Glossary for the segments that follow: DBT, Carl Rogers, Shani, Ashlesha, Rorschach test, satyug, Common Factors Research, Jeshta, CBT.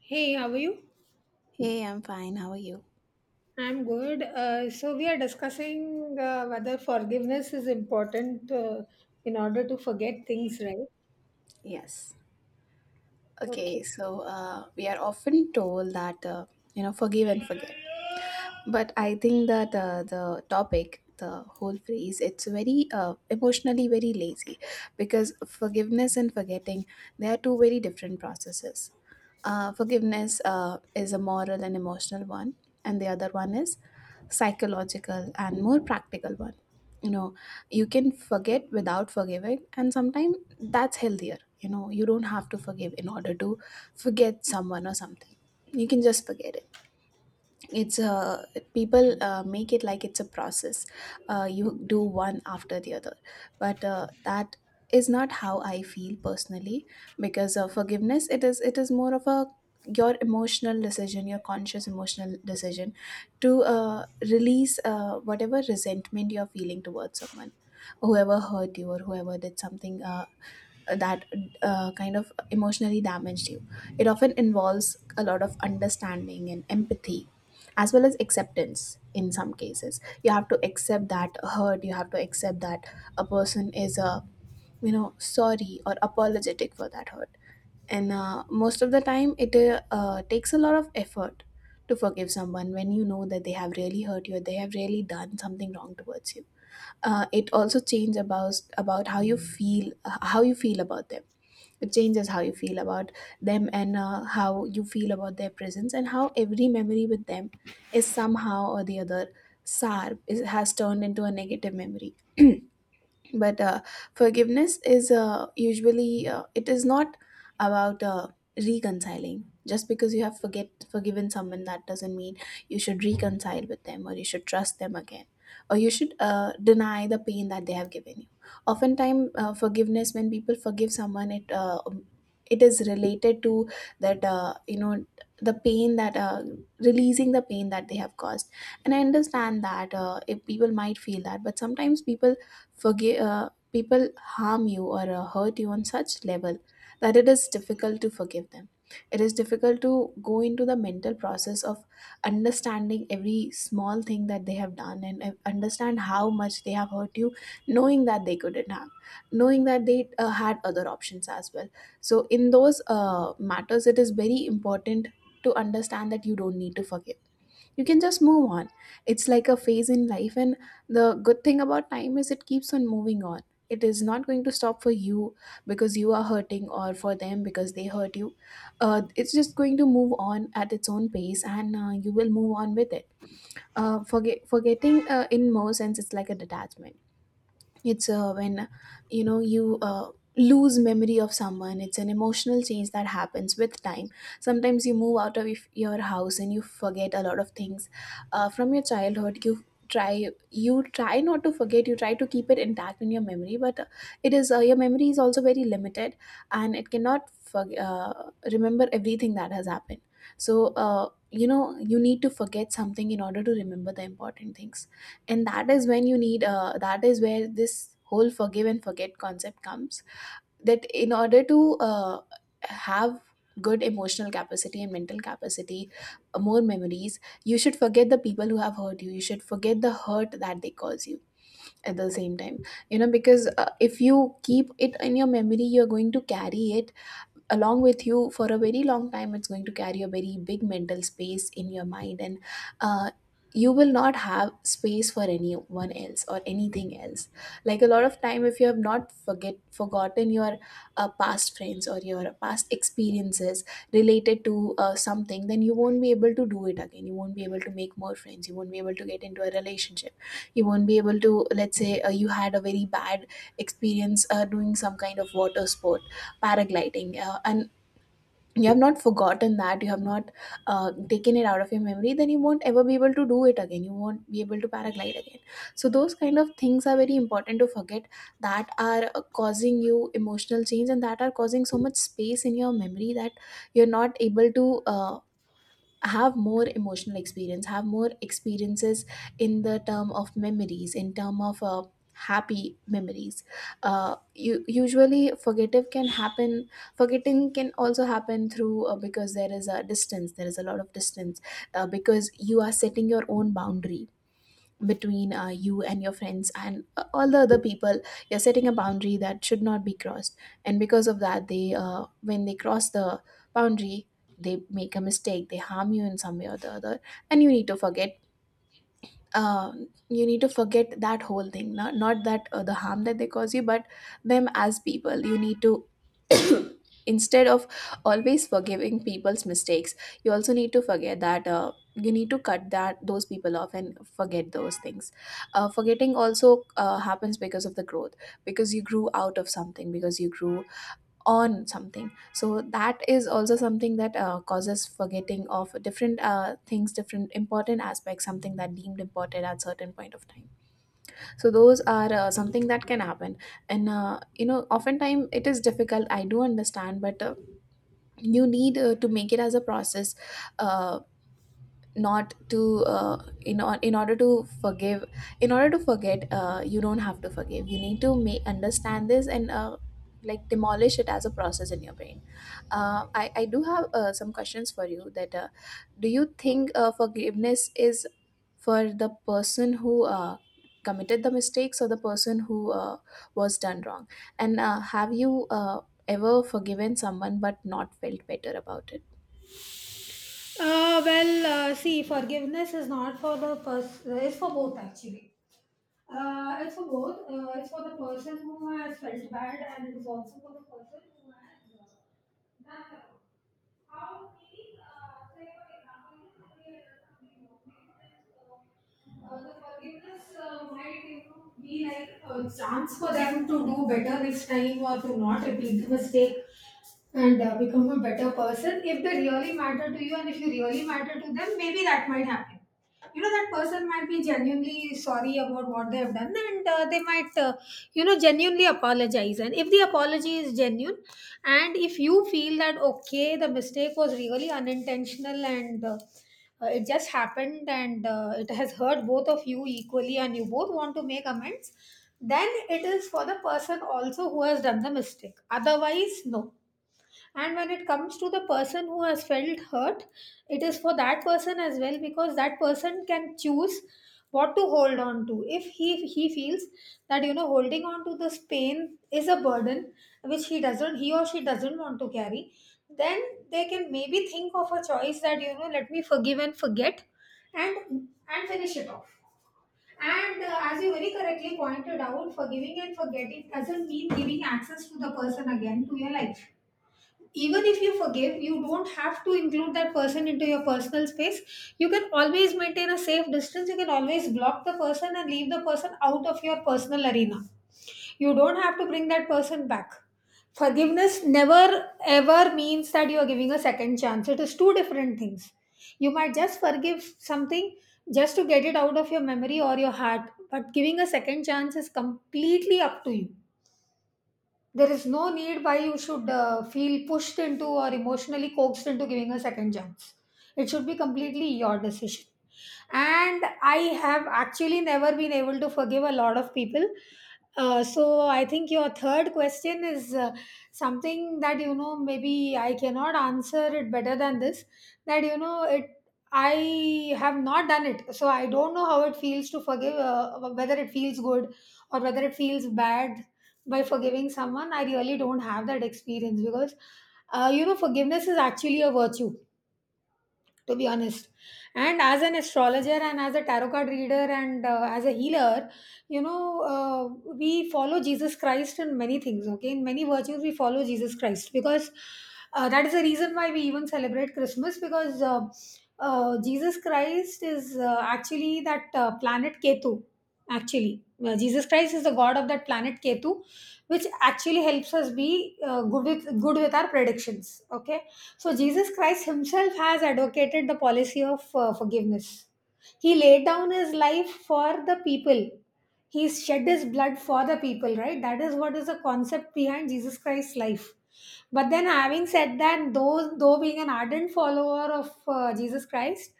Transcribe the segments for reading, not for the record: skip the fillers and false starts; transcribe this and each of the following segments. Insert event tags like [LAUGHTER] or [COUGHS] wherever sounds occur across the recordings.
Hey, how are you? Hey, I'm fine. How are you? I'm good. So we are discussing whether forgiveness is important in order to forget things, right? Yes. Okay. Okay, so we are often told that, forgive and forget. But I think that the topic, the whole phrase, it's very emotionally very lazy because forgiveness and forgetting, they are two very different processes. Forgiveness is a moral and emotional one, and the other one is psychological and more practical one. You know, you can forget without forgiving, and sometimes that's healthier. You know, you don't have to forgive in order to forget someone or something. You can just forget it it's a People make it like it's a process, you do one after the other, but that is not how I feel personally because forgiveness it is more of a your emotional decision, your conscious emotional decision to release whatever resentment you're feeling towards someone, whoever hurt you or whoever did something that kind of emotionally damaged you. It often involves a lot of understanding and empathy, as well as acceptance in some cases. You have to accept that hurt, you have to accept that a person is, a, you know, sorry or apologetic for that hurt. And most of the time, it takes a lot of effort to forgive someone when you know that they have really hurt you or they have really done something wrong towards you. It also changes about how you feel about them. It changes how you feel about them, and how you feel about their presence, and how every memory with them is somehow or the other sour, is, has turned into a negative memory. [CLEARS THROAT] But forgiveness is usually, it is not about reconciling. Just because you have forget forgiven someone, that doesn't mean you should reconcile with them, or you should trust them again, or you should deny the pain that they have given you. Oftentimes, forgiveness, when people forgive someone, it it is related to that, you know, the pain that, releasing the pain that they have caused. And I understand that, if people might feel that, but sometimes people forgive. People harm you or hurt you on such level that it is difficult to forgive them. It is difficult to go into the mental process of understanding every small thing that they have done, and understand how much they have hurt you, knowing that they couldn't have, knowing that they had other options as well. So in those matters, it is very important to understand that you don't need to forgive, you can just move on. It's like a phase in life, and the good thing about time is it keeps on moving on. It is not going to stop for you because you are hurting, or for them because they hurt you. It's just going to move on at its own pace, and you will move on with it. Forgetting, in more sense, it's like a detachment. It's when you know, you lose memory of someone. It's an emotional change that happens with time. Sometimes you move out of your house and you forget a lot of things from your childhood. You try you try not to forget, you try to keep it intact in your memory, but it is your memory is also very limited, and it cannot forg remember everything that has happened. So, uh, you know, you need to forget something in order to remember the important things. And that is when you need, that is where this whole forgive and forget concept comes. That in order to have good emotional capacity and mental capacity, more memories, you should forget the people who have hurt you, you should forget the hurt that they cause you. At the same time, you know, because if you keep it in your memory, you're going to carry it along with you for a very long time. It's going to carry a very big mental space in your mind, and uh, you will not have space for anyone else or anything else. Like a lot of time, if you have not forget forgotten your past friends or your past experiences related to something, then you won't be able to do it again, you won't be able to make more friends, you won't be able to get into a relationship, you won't be able to, let's say, you had a very bad experience doing some kind of water sport, paragliding, and you have not forgotten that, you have not taken it out of your memory, then you won't ever be able to do it again, you won't be able to paraglide again. So those kind of things are very important to forget, that are causing you emotional change and that are causing so much space in your memory that you're not able to have more emotional experience, have more experiences in the term of memories, in term of happy memories. Usually forgive can happen, forgetting can also happen through, because there is a distance, there is a lot of distance, because you are setting your own boundary between you and your friends and all the other people. You're setting a boundary that should not be crossed, and because of that, they when they cross the boundary, they make a mistake, they harm you in some way or the other, and you need to forget. uh, you need to forget that whole thing, not that the harm that they cause you, but them as people. You need to [COUGHS] [CLEARS THROAT] instead of always forgiving people's mistakes, you also need to forget that, you need to cut that those people off and forget those things. Forgetting also happens because of the growth, because you grew out of something, because you grew on something. So that is also something that causes forgetting of different things, different important aspects, something that deemed important at certain point of time. So those are something that can happen. And you know, oftentimes it is difficult, I do understand, but you need to make it as a process. uh, Not to in order to forgive, in order to forget, you don't have to forgive. You need to make understand this, and like demolish it as a process in your brain. I do have some questions for you. That do you think forgiveness is for the person who committed the mistakes, or the person who was done wrong? And have you ever forgiven someone but not felt better about it? See, forgiveness is not for the person, it's for both actually. It's for both. It's for the person who has felt bad, and it's also for the person who has done the wrong. How we, say, for example, if somebody has done something wrong, the forgiveness might, you know, be like a chance for them to do better next time or to not repeat the mistake and become a better person if they really matter to you and if you really matter to them, maybe that might happen. You know, that person might be genuinely sorry about what they have done, and they might you know, genuinely apologize. And if the apology is genuine and if you feel that okay, the mistake was really unintentional, and it just happened, and it has hurt both of you equally and you both want to make amends, then it is for the person also who has done the mistake. Otherwise no. And when it comes to the person who has felt hurt, it is for that person as well, because that person can choose what to hold on to. If he feels that, you know, holding on to this pain is a burden which he doesn't, he or she doesn't want to carry, then they can maybe think of a choice that, you know, let me forgive and forget and finish it off. And as you very correctly pointed out, forgiving and forgetting doesn't mean giving access to the person again to your life. Even if you forgive, you don't have to include that person into your personal space. You can always maintain a safe distance, you can always block the person and leave the person out of your personal arena. You don't have to bring that person back. Forgiveness never ever means that you are giving a second chance. It is two different things. You might just forgive something just to get it out of your memory or your heart, but giving a second chance is completely up to you. There is no need why you should feel pushed into or emotionally coaxed into giving a second chance. It should be completely your decision. And I have actually never been able to forgive a lot of people. So I think your third question is something that, you know, maybe I cannot answer it better than this. That, you know, it. I have not done it, so I don't know how it feels to forgive. Whether it feels good or whether it feels bad by forgiving someone, I really don't have that experience, because you know, forgiveness is actually a virtue, to be honest. And as an astrologer and as a tarot card reader and as a healer, you know, we follow jesus christ in many things. Okay, in many virtues we follow jesus christ, because that is the reason why we even celebrate christmas, because jesus christ is actually that planet ketu, actually. Jesus christ is the god of that planet ketu, which actually helps us be good with good with our predictions. Okay. So, Jesus Christ himself has advocated the policy of forgiveness. He laid down his life for the people. He shed his blood for the people, right? That is what is the concept behind Jesus Christ's life. But then, having said that, though being an ardent follower of Jesus Christ,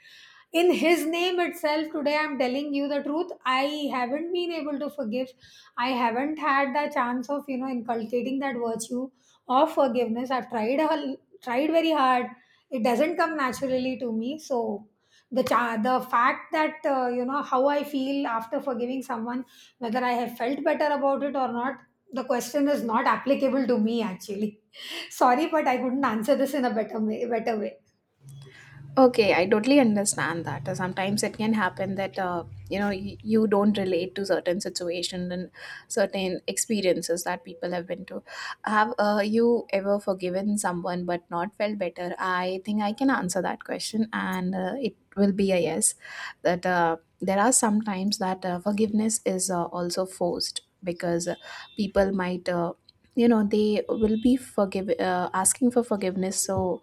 in his name itself, today I'm telling you the truth. I haven't been able to forgive. I haven't had the chance of, you know, inculcating that virtue of forgiveness. I've tried a Tried very hard. It doesn't come naturally to me. So the fact that, you know, how I feel after forgiving someone, whether I have felt better about it or not, the question is not applicable to me actually. [LAUGHS] Sorry, but I couldn't answer this in a better way better way. Okay, I totally understand that. Sometimes it can happen that, you know, you don't relate to certain situations and certain experiences that people have been to. Have, you ever forgiven someone but not felt better? I think I can answer that question, and it will be a yes. That, there are some times that, forgiveness is, also forced, because people might. You know, they will be forgive asking for forgiveness, so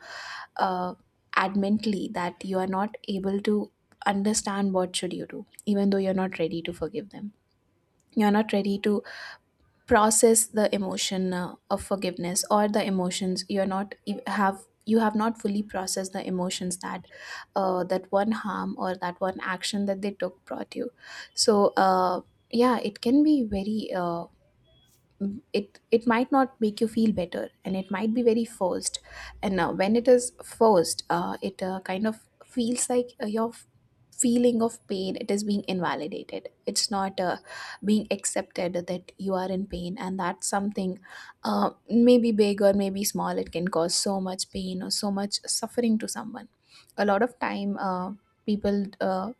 uh, add mentally that you are not able to understand what should you do, even though you're not ready to forgive them, you're not ready to process the emotion of forgiveness, or the emotions you're not, you have, you have not fully processed the emotions that, that one harm or that one action that they took brought you. So, yeah, it can be very, it might not make you feel better, and it might be very forced. And when it is forced, it kind of feels like your feeling of pain, it is being invalidated. It's not being accepted that you are in pain, and that's something, maybe big or maybe small, it can cause so much pain or so much suffering to someone. A lot of time, people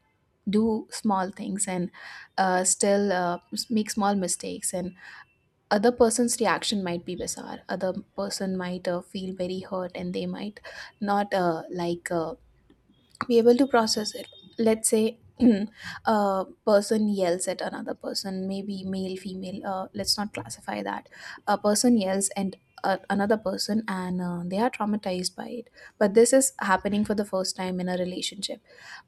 do small things, and still make small mistakes, and other person's reaction might be bizarre. Other person might feel very hurt, and they might not like be able to process it. Let's say [CLEARS THROAT] a person yells at another person, maybe male, female, let's not classify that. A person yells, and another person, and they are traumatized by it. But this is happening for the first time in a relationship.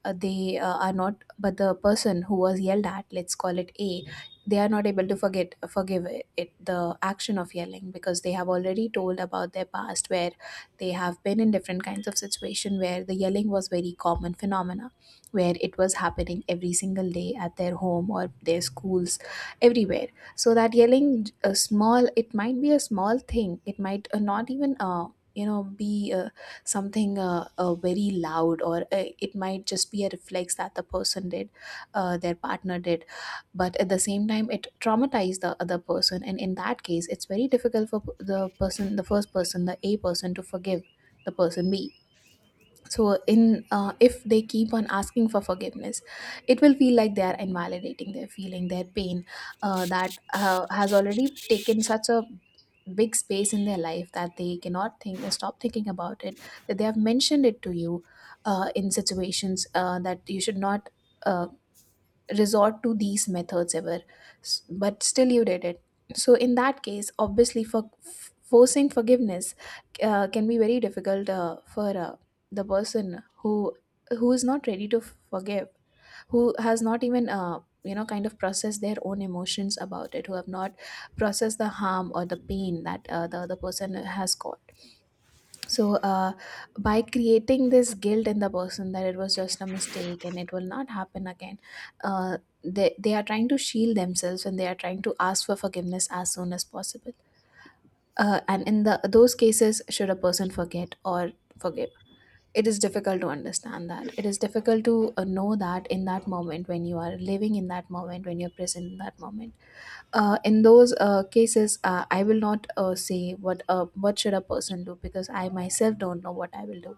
They are not, but the person who was yelled at, let's call it A, they are not able to forget forgive it, the action of yelling because they have already told about their past where they have been in different kinds of situation where the yelling was very common phenomena, where it was happening every single day at their home or their schools, everywhere. So that yelling, a small, it might be a small thing, it might not even be something very loud, or it might just be a reflex that the person did, their partner did. But at the same time, it traumatized the other person, and in that case it's very difficult for the person, the first person, the a person, to forgive the person b. So in if they keep on asking for forgiveness, it will feel like they are invalidating their feeling, their pain, that has already taken such a big space in their life that they cannot think, stop thinking about it, that they have mentioned it to you in situations that you should not, uh, resort to these methods ever. But still you did it. So in that case, obviously, forcing forgiveness can be very difficult for the person who is not ready to forgive, who has not even kind of processed their own emotions about it, who have not processed the harm or the pain that the other person has caused. So, by creating this guilt in the person that it was just a mistake and it will not happen again, uh, they are trying to shield themselves, and they are trying to ask for forgiveness as soon as possible. And in the those cases, should a person forget or forgive? It is difficult to understand that. It is difficult to know that in that moment, when you are living in that moment, when you're present in that moment. In those cases, I will not say what should a person do, because I myself don't know what I will do.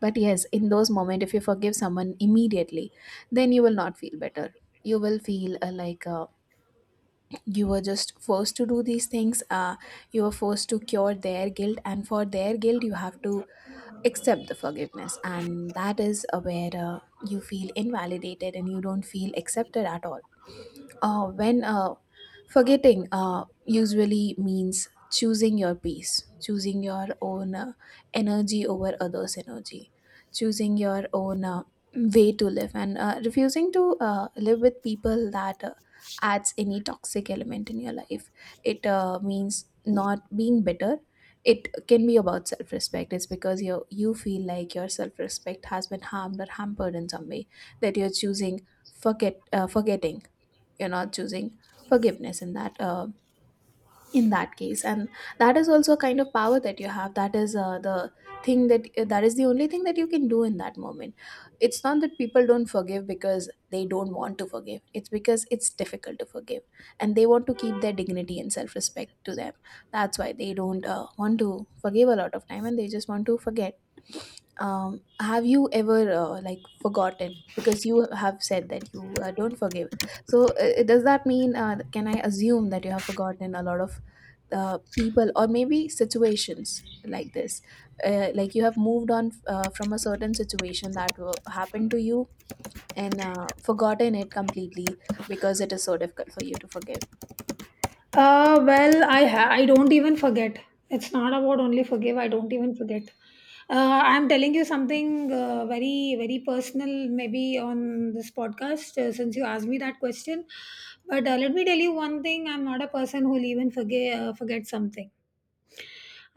But yes, in those moments, if you forgive someone immediately, then you will not feel better. You will feel like you were just forced to do these things. You were forced to cure their guilt, and for their guilt, you have to accept the forgiveness. And that is where you feel invalidated and you don't feel accepted at all. When Forgetting usually means choosing your peace, choosing your own energy over others' energy, choosing your own way to live, and refusing to live with people that adds any toxic element in your life. It means not being bitter. It can be about self-respect. It's because you feel like your self-respect has been harmed or hampered in some way, that you're choosing forgetting, you're not choosing forgiveness in that case. And that is also a kind of power that you have. That is the thing that that is the only thing that you can do in that moment. It's not that people don't forgive because they don't want to forgive, it's because it's difficult to forgive, and they want to keep their dignity and self-respect to them. That's why they don't want to forgive a lot of time, and they just want to forget. Have you ever like forgotten, because you have said that you don't forgive? So does that mean, can I assume that you have forgotten a lot of people or maybe situations like this? Like you have moved on from a certain situation that happened to you, and forgotten it completely, because it is so difficult for you to forgive. I I don't even forget. It's not about only forgive. I don't even forget. I'm telling you something very very personal, maybe on this podcast. Since you asked me that question, but let me tell you one thing. I'm not a person who'll even forget forget something.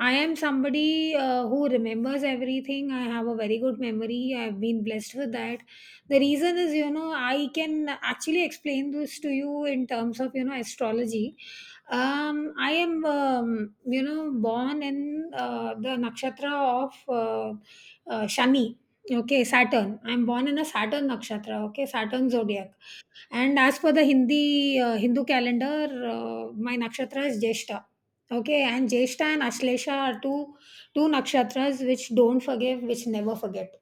I am somebody who remembers everything. I have a very good memory. I've been blessed with that. The reason is, you know, I can actually explain this to you in terms of, you know, astrology. I am, you know, born in the nakshatra of Shani, okay, Saturn. I'm born in a Saturn nakshatra, okay, Saturn zodiac. And as for the Hindi Hindu calendar, my nakshatra is Jeshta. Okay, and Jeshta and Ashlesha are two nakshatras which don't forgive, which never forget.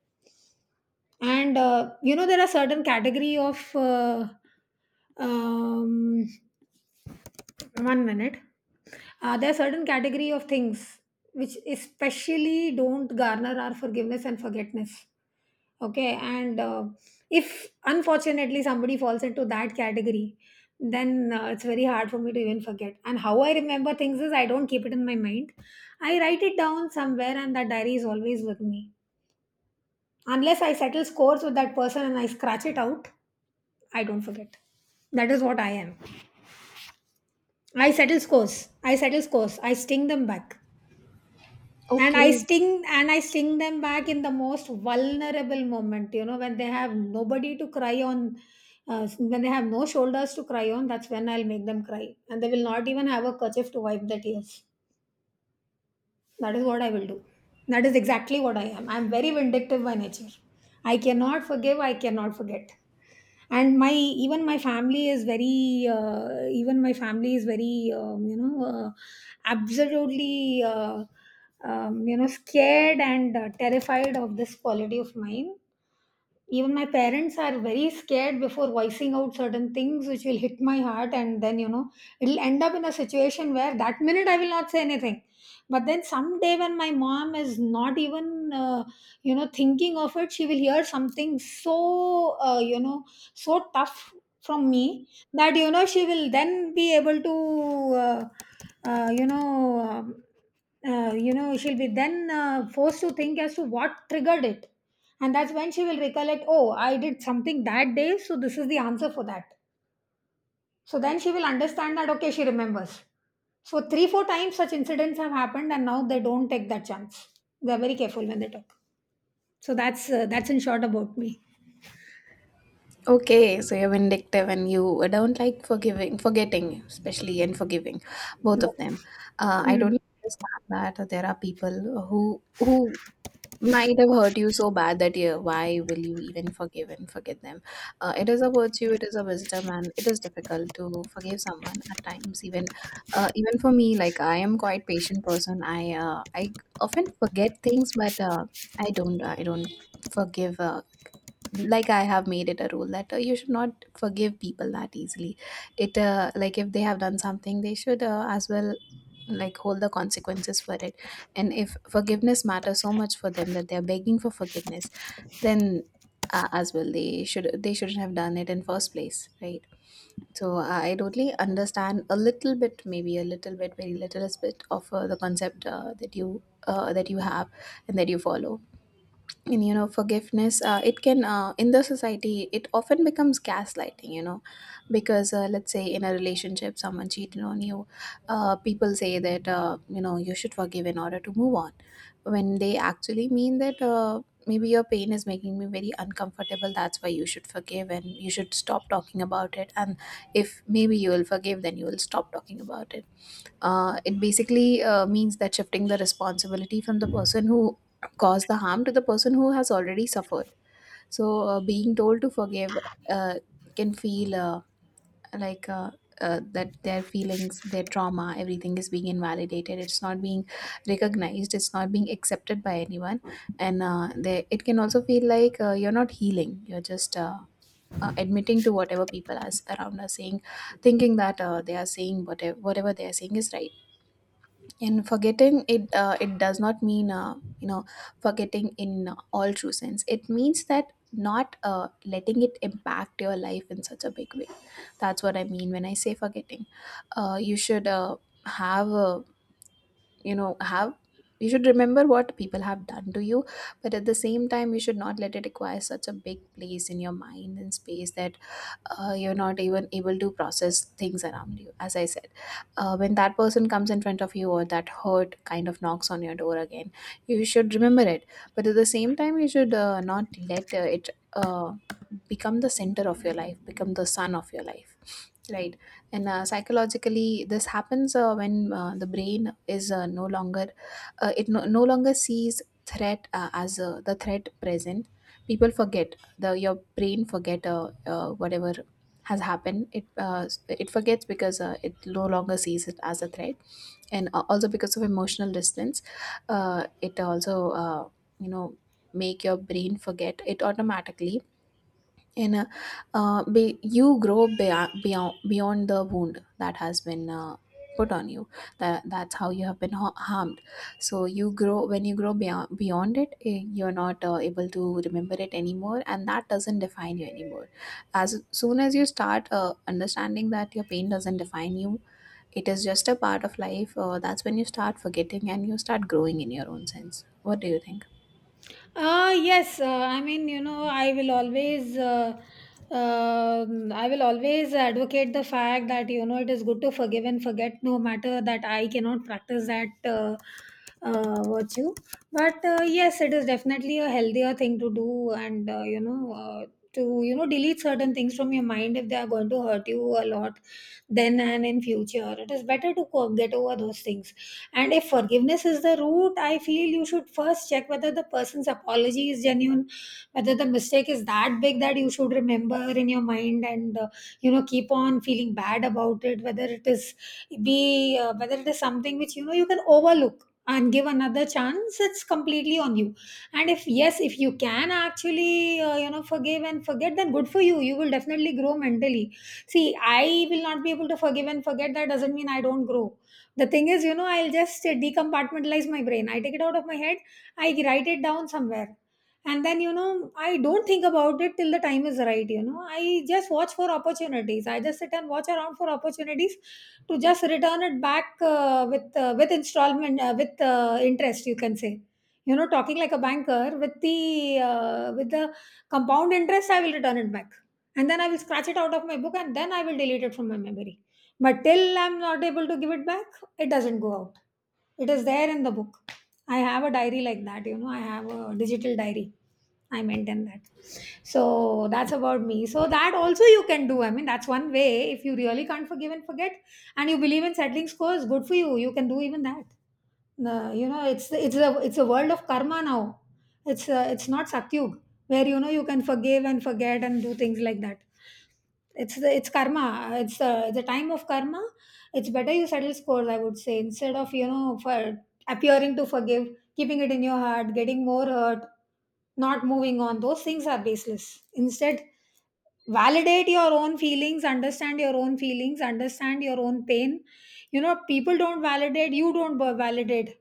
And you know, there are certain category of um, one minute. There are certain category of things which especially don't garner our forgiveness and forgetness. Okay, and if unfortunately somebody falls into that category, then it's very hard for me to even forget. And how I remember things is, I don't keep it in my mind, I write it down somewhere, and that diary is always with me. Unless I settle scores with that person and I scratch it out, I don't forget. That is what I am. I settle scores, i settle scores, I sting them back. and i Okay. sting and I sting them back in the most vulnerable moment, you know, when they have nobody to cry on, when they have no shoulders to cry on. That's when I'll make them cry, and they will not even have a kerchief to wipe the tears. That is what I will do. That is exactly what I am. I am very vindictive by nature. I cannot forgive, I cannot forget. And my Even my family is very you know, absolutely you know, scared and terrified of this quality of mine. Even my parents are very scared before voicing out certain things which will hit my heart, and then, you know, it'll end up in a situation where that minute I will not say anything. But then someday when my mom is not even you know, thinking of it, she will hear something so, you know, so tough from me that, you know, she will then be able to uh, uh, you know um, you know, she'll be then forced to think as to what triggered it. And that's when she will recollect, oh, I did something that day, so this is the answer for that. So then she will understand that, okay, she remembers. So, three, four times such incidents have happened, and now they don't take that chance. They're very careful when they talk. So, that's in short about me. Okay, so you're vindictive and you don't like forgiving, forgetting, especially, and forgiving, both of them. I don't understand that there are people who, might have hurt you so bad that, yeah, why will you even forgive and forget them? It is a virtue, it is a wisdom, and it is difficult to forgive someone at times. Even for me, like, I am quite patient person. I often forget things, but I don't forgive. Like, I have made it a rule that you should not forgive people that easily. It like, if they have done something, they should as well, like, hold the consequences for it. And if forgiveness matters so much for them that they are begging for forgiveness, then as well, they shouldn't have done it in first place, right? So I totally understand a little bit, maybe a little bit, very little bit of the concept that you have and that you follow. And you know, forgiveness, it can in the society, it often becomes gaslighting, you know, because let's say in a relationship someone cheated on you, people say that you should forgive in order to move on, when they actually mean that maybe your pain is making me very uncomfortable, that's why you should forgive, and you should stop talking about it. And if maybe you will forgive, then you will stop talking about it. It basically means that shifting the responsibility from the person who caused the harm to the person who has already suffered. So, being told to forgive uh, can feel like that their feelings, their trauma, everything is being invalidated. It's not being recognized. It's not being accepted by anyone, and it can also feel like you're not healing. You're just admitting to whatever people are around are saying, thinking that they are saying, whatever they are saying is right. And forgetting it, it does not mean forgetting in all true sense. It means that not letting it impact your life in such a big way. That's what I mean when I say forgetting. You should have you know have you should remember what people have done to you, but at the same time, you should not let it acquire such a big place in your mind and space that you're not even able to process things around you. As I said, when that person comes in front of you, or that hurt kind of knocks on your door again, you should remember it, but at the same time you should not let it become the center of your life, become the sun of your life. Right. And psychologically, this happens when the brain is no longer, it no longer sees threat as the threat present. People forget, the your brain forget whatever has happened. It it forgets because it no longer sees it as a threat, and also because of emotional distance, it also you know make your brain forget it automatically. And you grow beyond the wound that has been put on you, that that's how you have been harmed. So you grow, when you grow beyond it, you're not able to remember it anymore, and that doesn't define you anymore. As soon as you start understanding that your pain doesn't define you, it is just a part of life, that's when you start forgetting and you start growing in your own sense. What do you think? Yes, I mean, you know, I will always advocate the fact that, you know, it is good to forgive and forget, no matter that I cannot practice that virtue. But yes, it is definitely a healthier thing to do, and you know, to you know, delete certain things from your mind if they are going to hurt you a lot. Then and In future, it is better to get over those things. And if forgiveness is the root, I feel you should first check whether the person's apology is genuine, whether the mistake is that big that you should remember in your mind, and you know, keep on feeling bad about it. Whether it is be whether it is something which, you know, you can overlook and give another chance. It's completely on you. And if yes, if you can actually you know, forgive and forget, then good for you. You will definitely grow mentally. See, I will not be able to forgive and forget. That doesn't mean I don't grow. The thing is, you know, I'll just decompartmentalize my brain. I take it out of my head, I write it down somewhere. And then, you know, I don't think about it till the time is right, you know. I just watch for opportunities. I just sit and watch around for opportunities to just return it back with installment, with interest, you can say. You know, talking like a banker with the uh, with the compound interest, I will return it back, and then I will scratch it out of my book, and then I will delete it from my memory. But till I'm not able to give it back, it doesn't go out. It is there in the book. I have a diary like that. I have a digital diary. I maintain that. So that's about me. So that also you can do. I mean, that's one way. If you really can't forgive and forget, and you believe in settling scores, good for you. You can do even that. No, it's the, it's a world of karma now. It's not satyug, where you can forgive and forget and do things like that. It's the it's karma. It's the time of karma. It's better you settle scores, I would say, instead of for appearing to forgive, keeping it in your heart, getting more hurt, not moving on. Those things are baseless. Instead, validate your own feelings, understand your own feelings, understand your own pain. You know, people don't validate, you don't validate.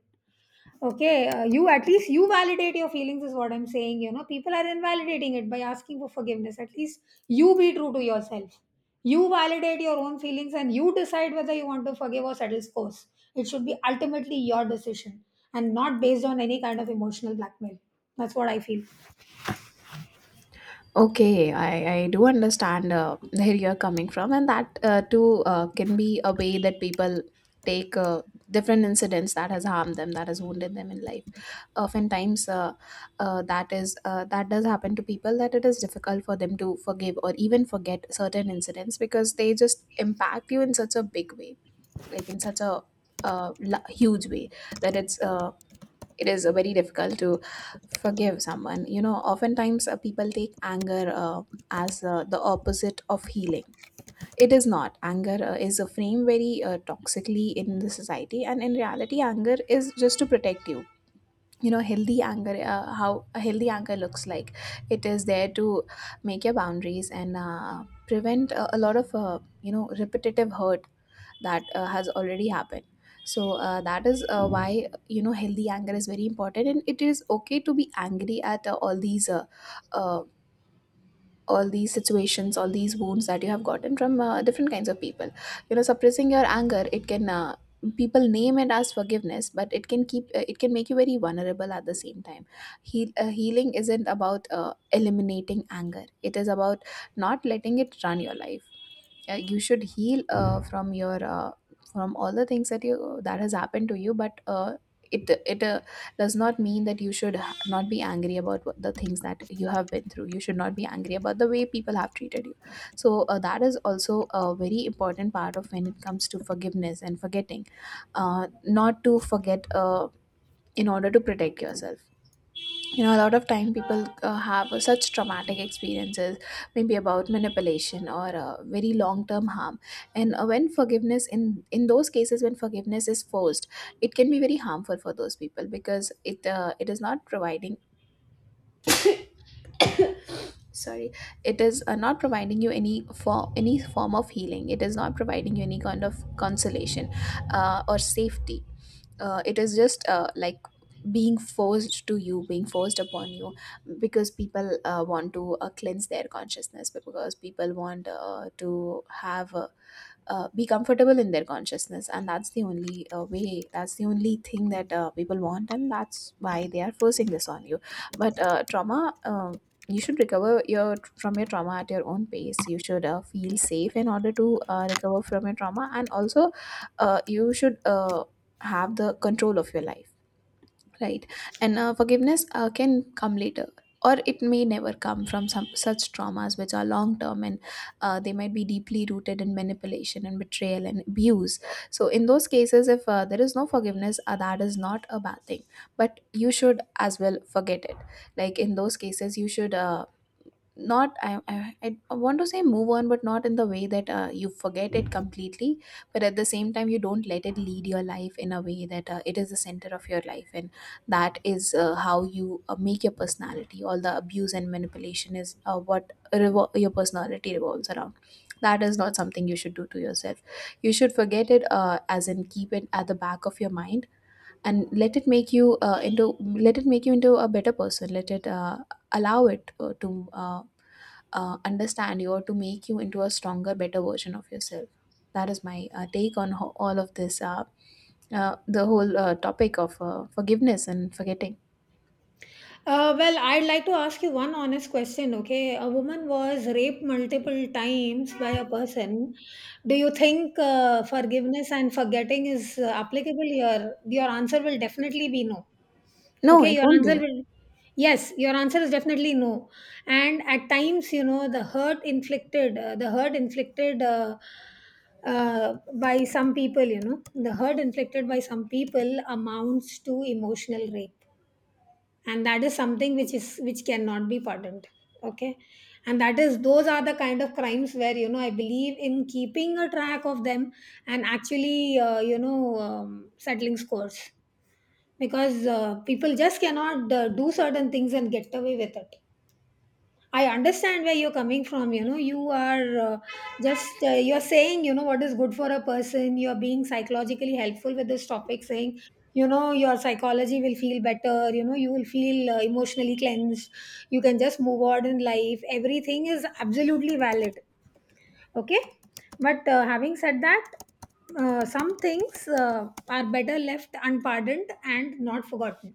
Okay, you at least you validate your feelings is what I'm saying. You know, people are invalidating it by asking for forgiveness. At least you be true to yourself. You validate your own feelings and you decide whether you want to forgive or settle scores. It should be ultimately your decision and not based on any kind of emotional blackmail. That's what I feel. Okay, I do understand where you're coming from, and that too can be a way that people take different incidents that has harmed them, that has wounded them in life. Oftentimes, that is that does happen to people that it is difficult for them to forgive or even forget certain incidents because they just impact you in such a big way like in such a huge way that it is very difficult to forgive someone. You know, oftentimes people take anger as the opposite of healing. It is not anger, is a frame very toxically in the society, and in reality anger is just to protect you. You know, healthy anger, how a healthy anger looks like, it is there to make your boundaries and prevent a lot of repetitive hurt that has already happened. So that is why, you know, healthy anger is very important, and it is okay to be angry at uh, all these situations, all these wounds that you have gotten from different kinds of people. You know, suppressing your anger, it can people name it as forgiveness, but it can keep it can make you very vulnerable at the same time. Healing isn't about eliminating anger, it is about not letting it run your life. You should heal from your from all the things that you that has happened to you, but it it does not mean that you should not be angry about the things that you have been through. You should not be angry about the way people have treated you. So that is also a very important part of when it comes to forgiveness and forgetting. Not to forget, in order to protect yourself. You know, a lot of time people have such traumatic experiences, maybe about manipulation or very long term harm. And when forgiveness in those cases, when forgiveness is forced, it can be very harmful for those people because it is not providing, sorry, it is not providing you any for any form of healing. It is not providing you any kind of consolation or safety. It is just like being forced to you, being forced upon you, because people want to cleanse their consciousness, because people want to have be comfortable in their consciousness, and that's the only way, that's the only thing that people want, and that's why they are forcing this on you. But trauma, you should recover your from your trauma at your own pace. You should feel safe in order to recover from your trauma, and also you should have the control of your life. Right. And forgiveness can come later, or it may never come from some such traumas which are long term, and they might be deeply rooted in manipulation and betrayal and abuse. So, in those cases, if there is no forgiveness, that is not a bad thing. But you should as well forget it. Like in those cases, you should. Not I, I want to say move on, but not in the way that you forget it completely, but at the same time you don't let it lead your life in a way that it is the center of your life, and that is how you make your personality, all the abuse and manipulation is your personality revolves around. That is not something you should do to yourself. You should forget it, as in keep it at the back of your mind and let it make you into, let it make you into a better person. Let it allow it to understand you, or to make you into a stronger, better version of yourself. That is my take on all of this, the whole topic of forgiveness and forgetting. I'd like to ask you one honest question, okay? A woman was raped multiple times by a person. Do you think forgiveness and forgetting is applicable here? Your answer will definitely be no. No, Okay, it your won't answer be. will, yes, your answer is definitely no. And at times, you know, the hurt inflicted, by some people, the hurt inflicted by some people amounts to emotional rape, and that is something which is which cannot be pardoned. Okay. And that is those are the kind of crimes where, you know, I believe in keeping a track of them, and actually, settling scores, because people just cannot do certain things and get away with it. I understand where you're coming from. You know, you are just you're saying, you know, what is good for a person. You're being psychologically helpful with this topic, saying, you know, your psychology will feel better. You know, you will feel emotionally cleansed. You can just move on in life. Everything is absolutely valid. Okay. But having said that, some things are better left unpardoned and not forgotten.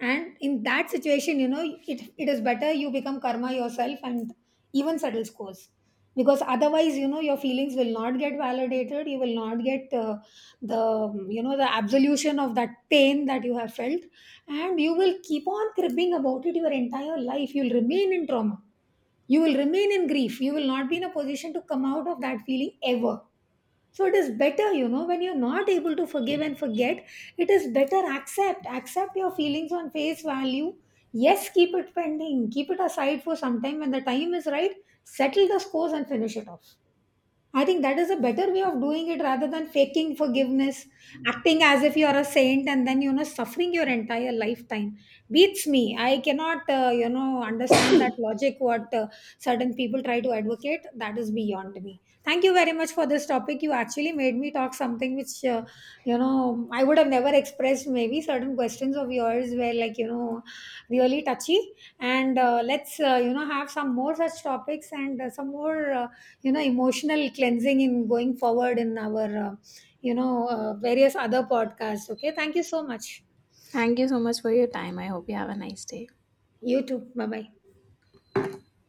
And in that situation, you know, it is better you become karma yourself and even settle scores, because otherwise, you know, your feelings will not get validated, you will not get the, you know, the absolution of that pain that you have felt. And you will keep on cribbing about it your entire life, you'll remain in trauma, you will remain in grief, you will not be in a position to come out of that feeling ever. So it is better, you know, when you're not able to forgive and forget, it is better accept, your feelings on face value. Yes, keep it pending, keep it aside for some time. When the time is right, settle the scores and finish it off. I think that is a better way of doing it rather than faking forgiveness, acting as if you are a saint, and then, you know, suffering your entire lifetime. Beats me. I cannot, understand that logic. What certain people try to advocate, that is beyond me. Thank you very much for this topic. You actually made me talk something which, I would have never expressed. Maybe certain questions of yours were, like, you know, really touchy. And let's, you know, have some more such topics, and some more. You know, emotional cleansing, in going forward in our, various other podcasts. Okay, thank you so much. Thank you so much for your time. I hope you have a nice day. You too, bye bye.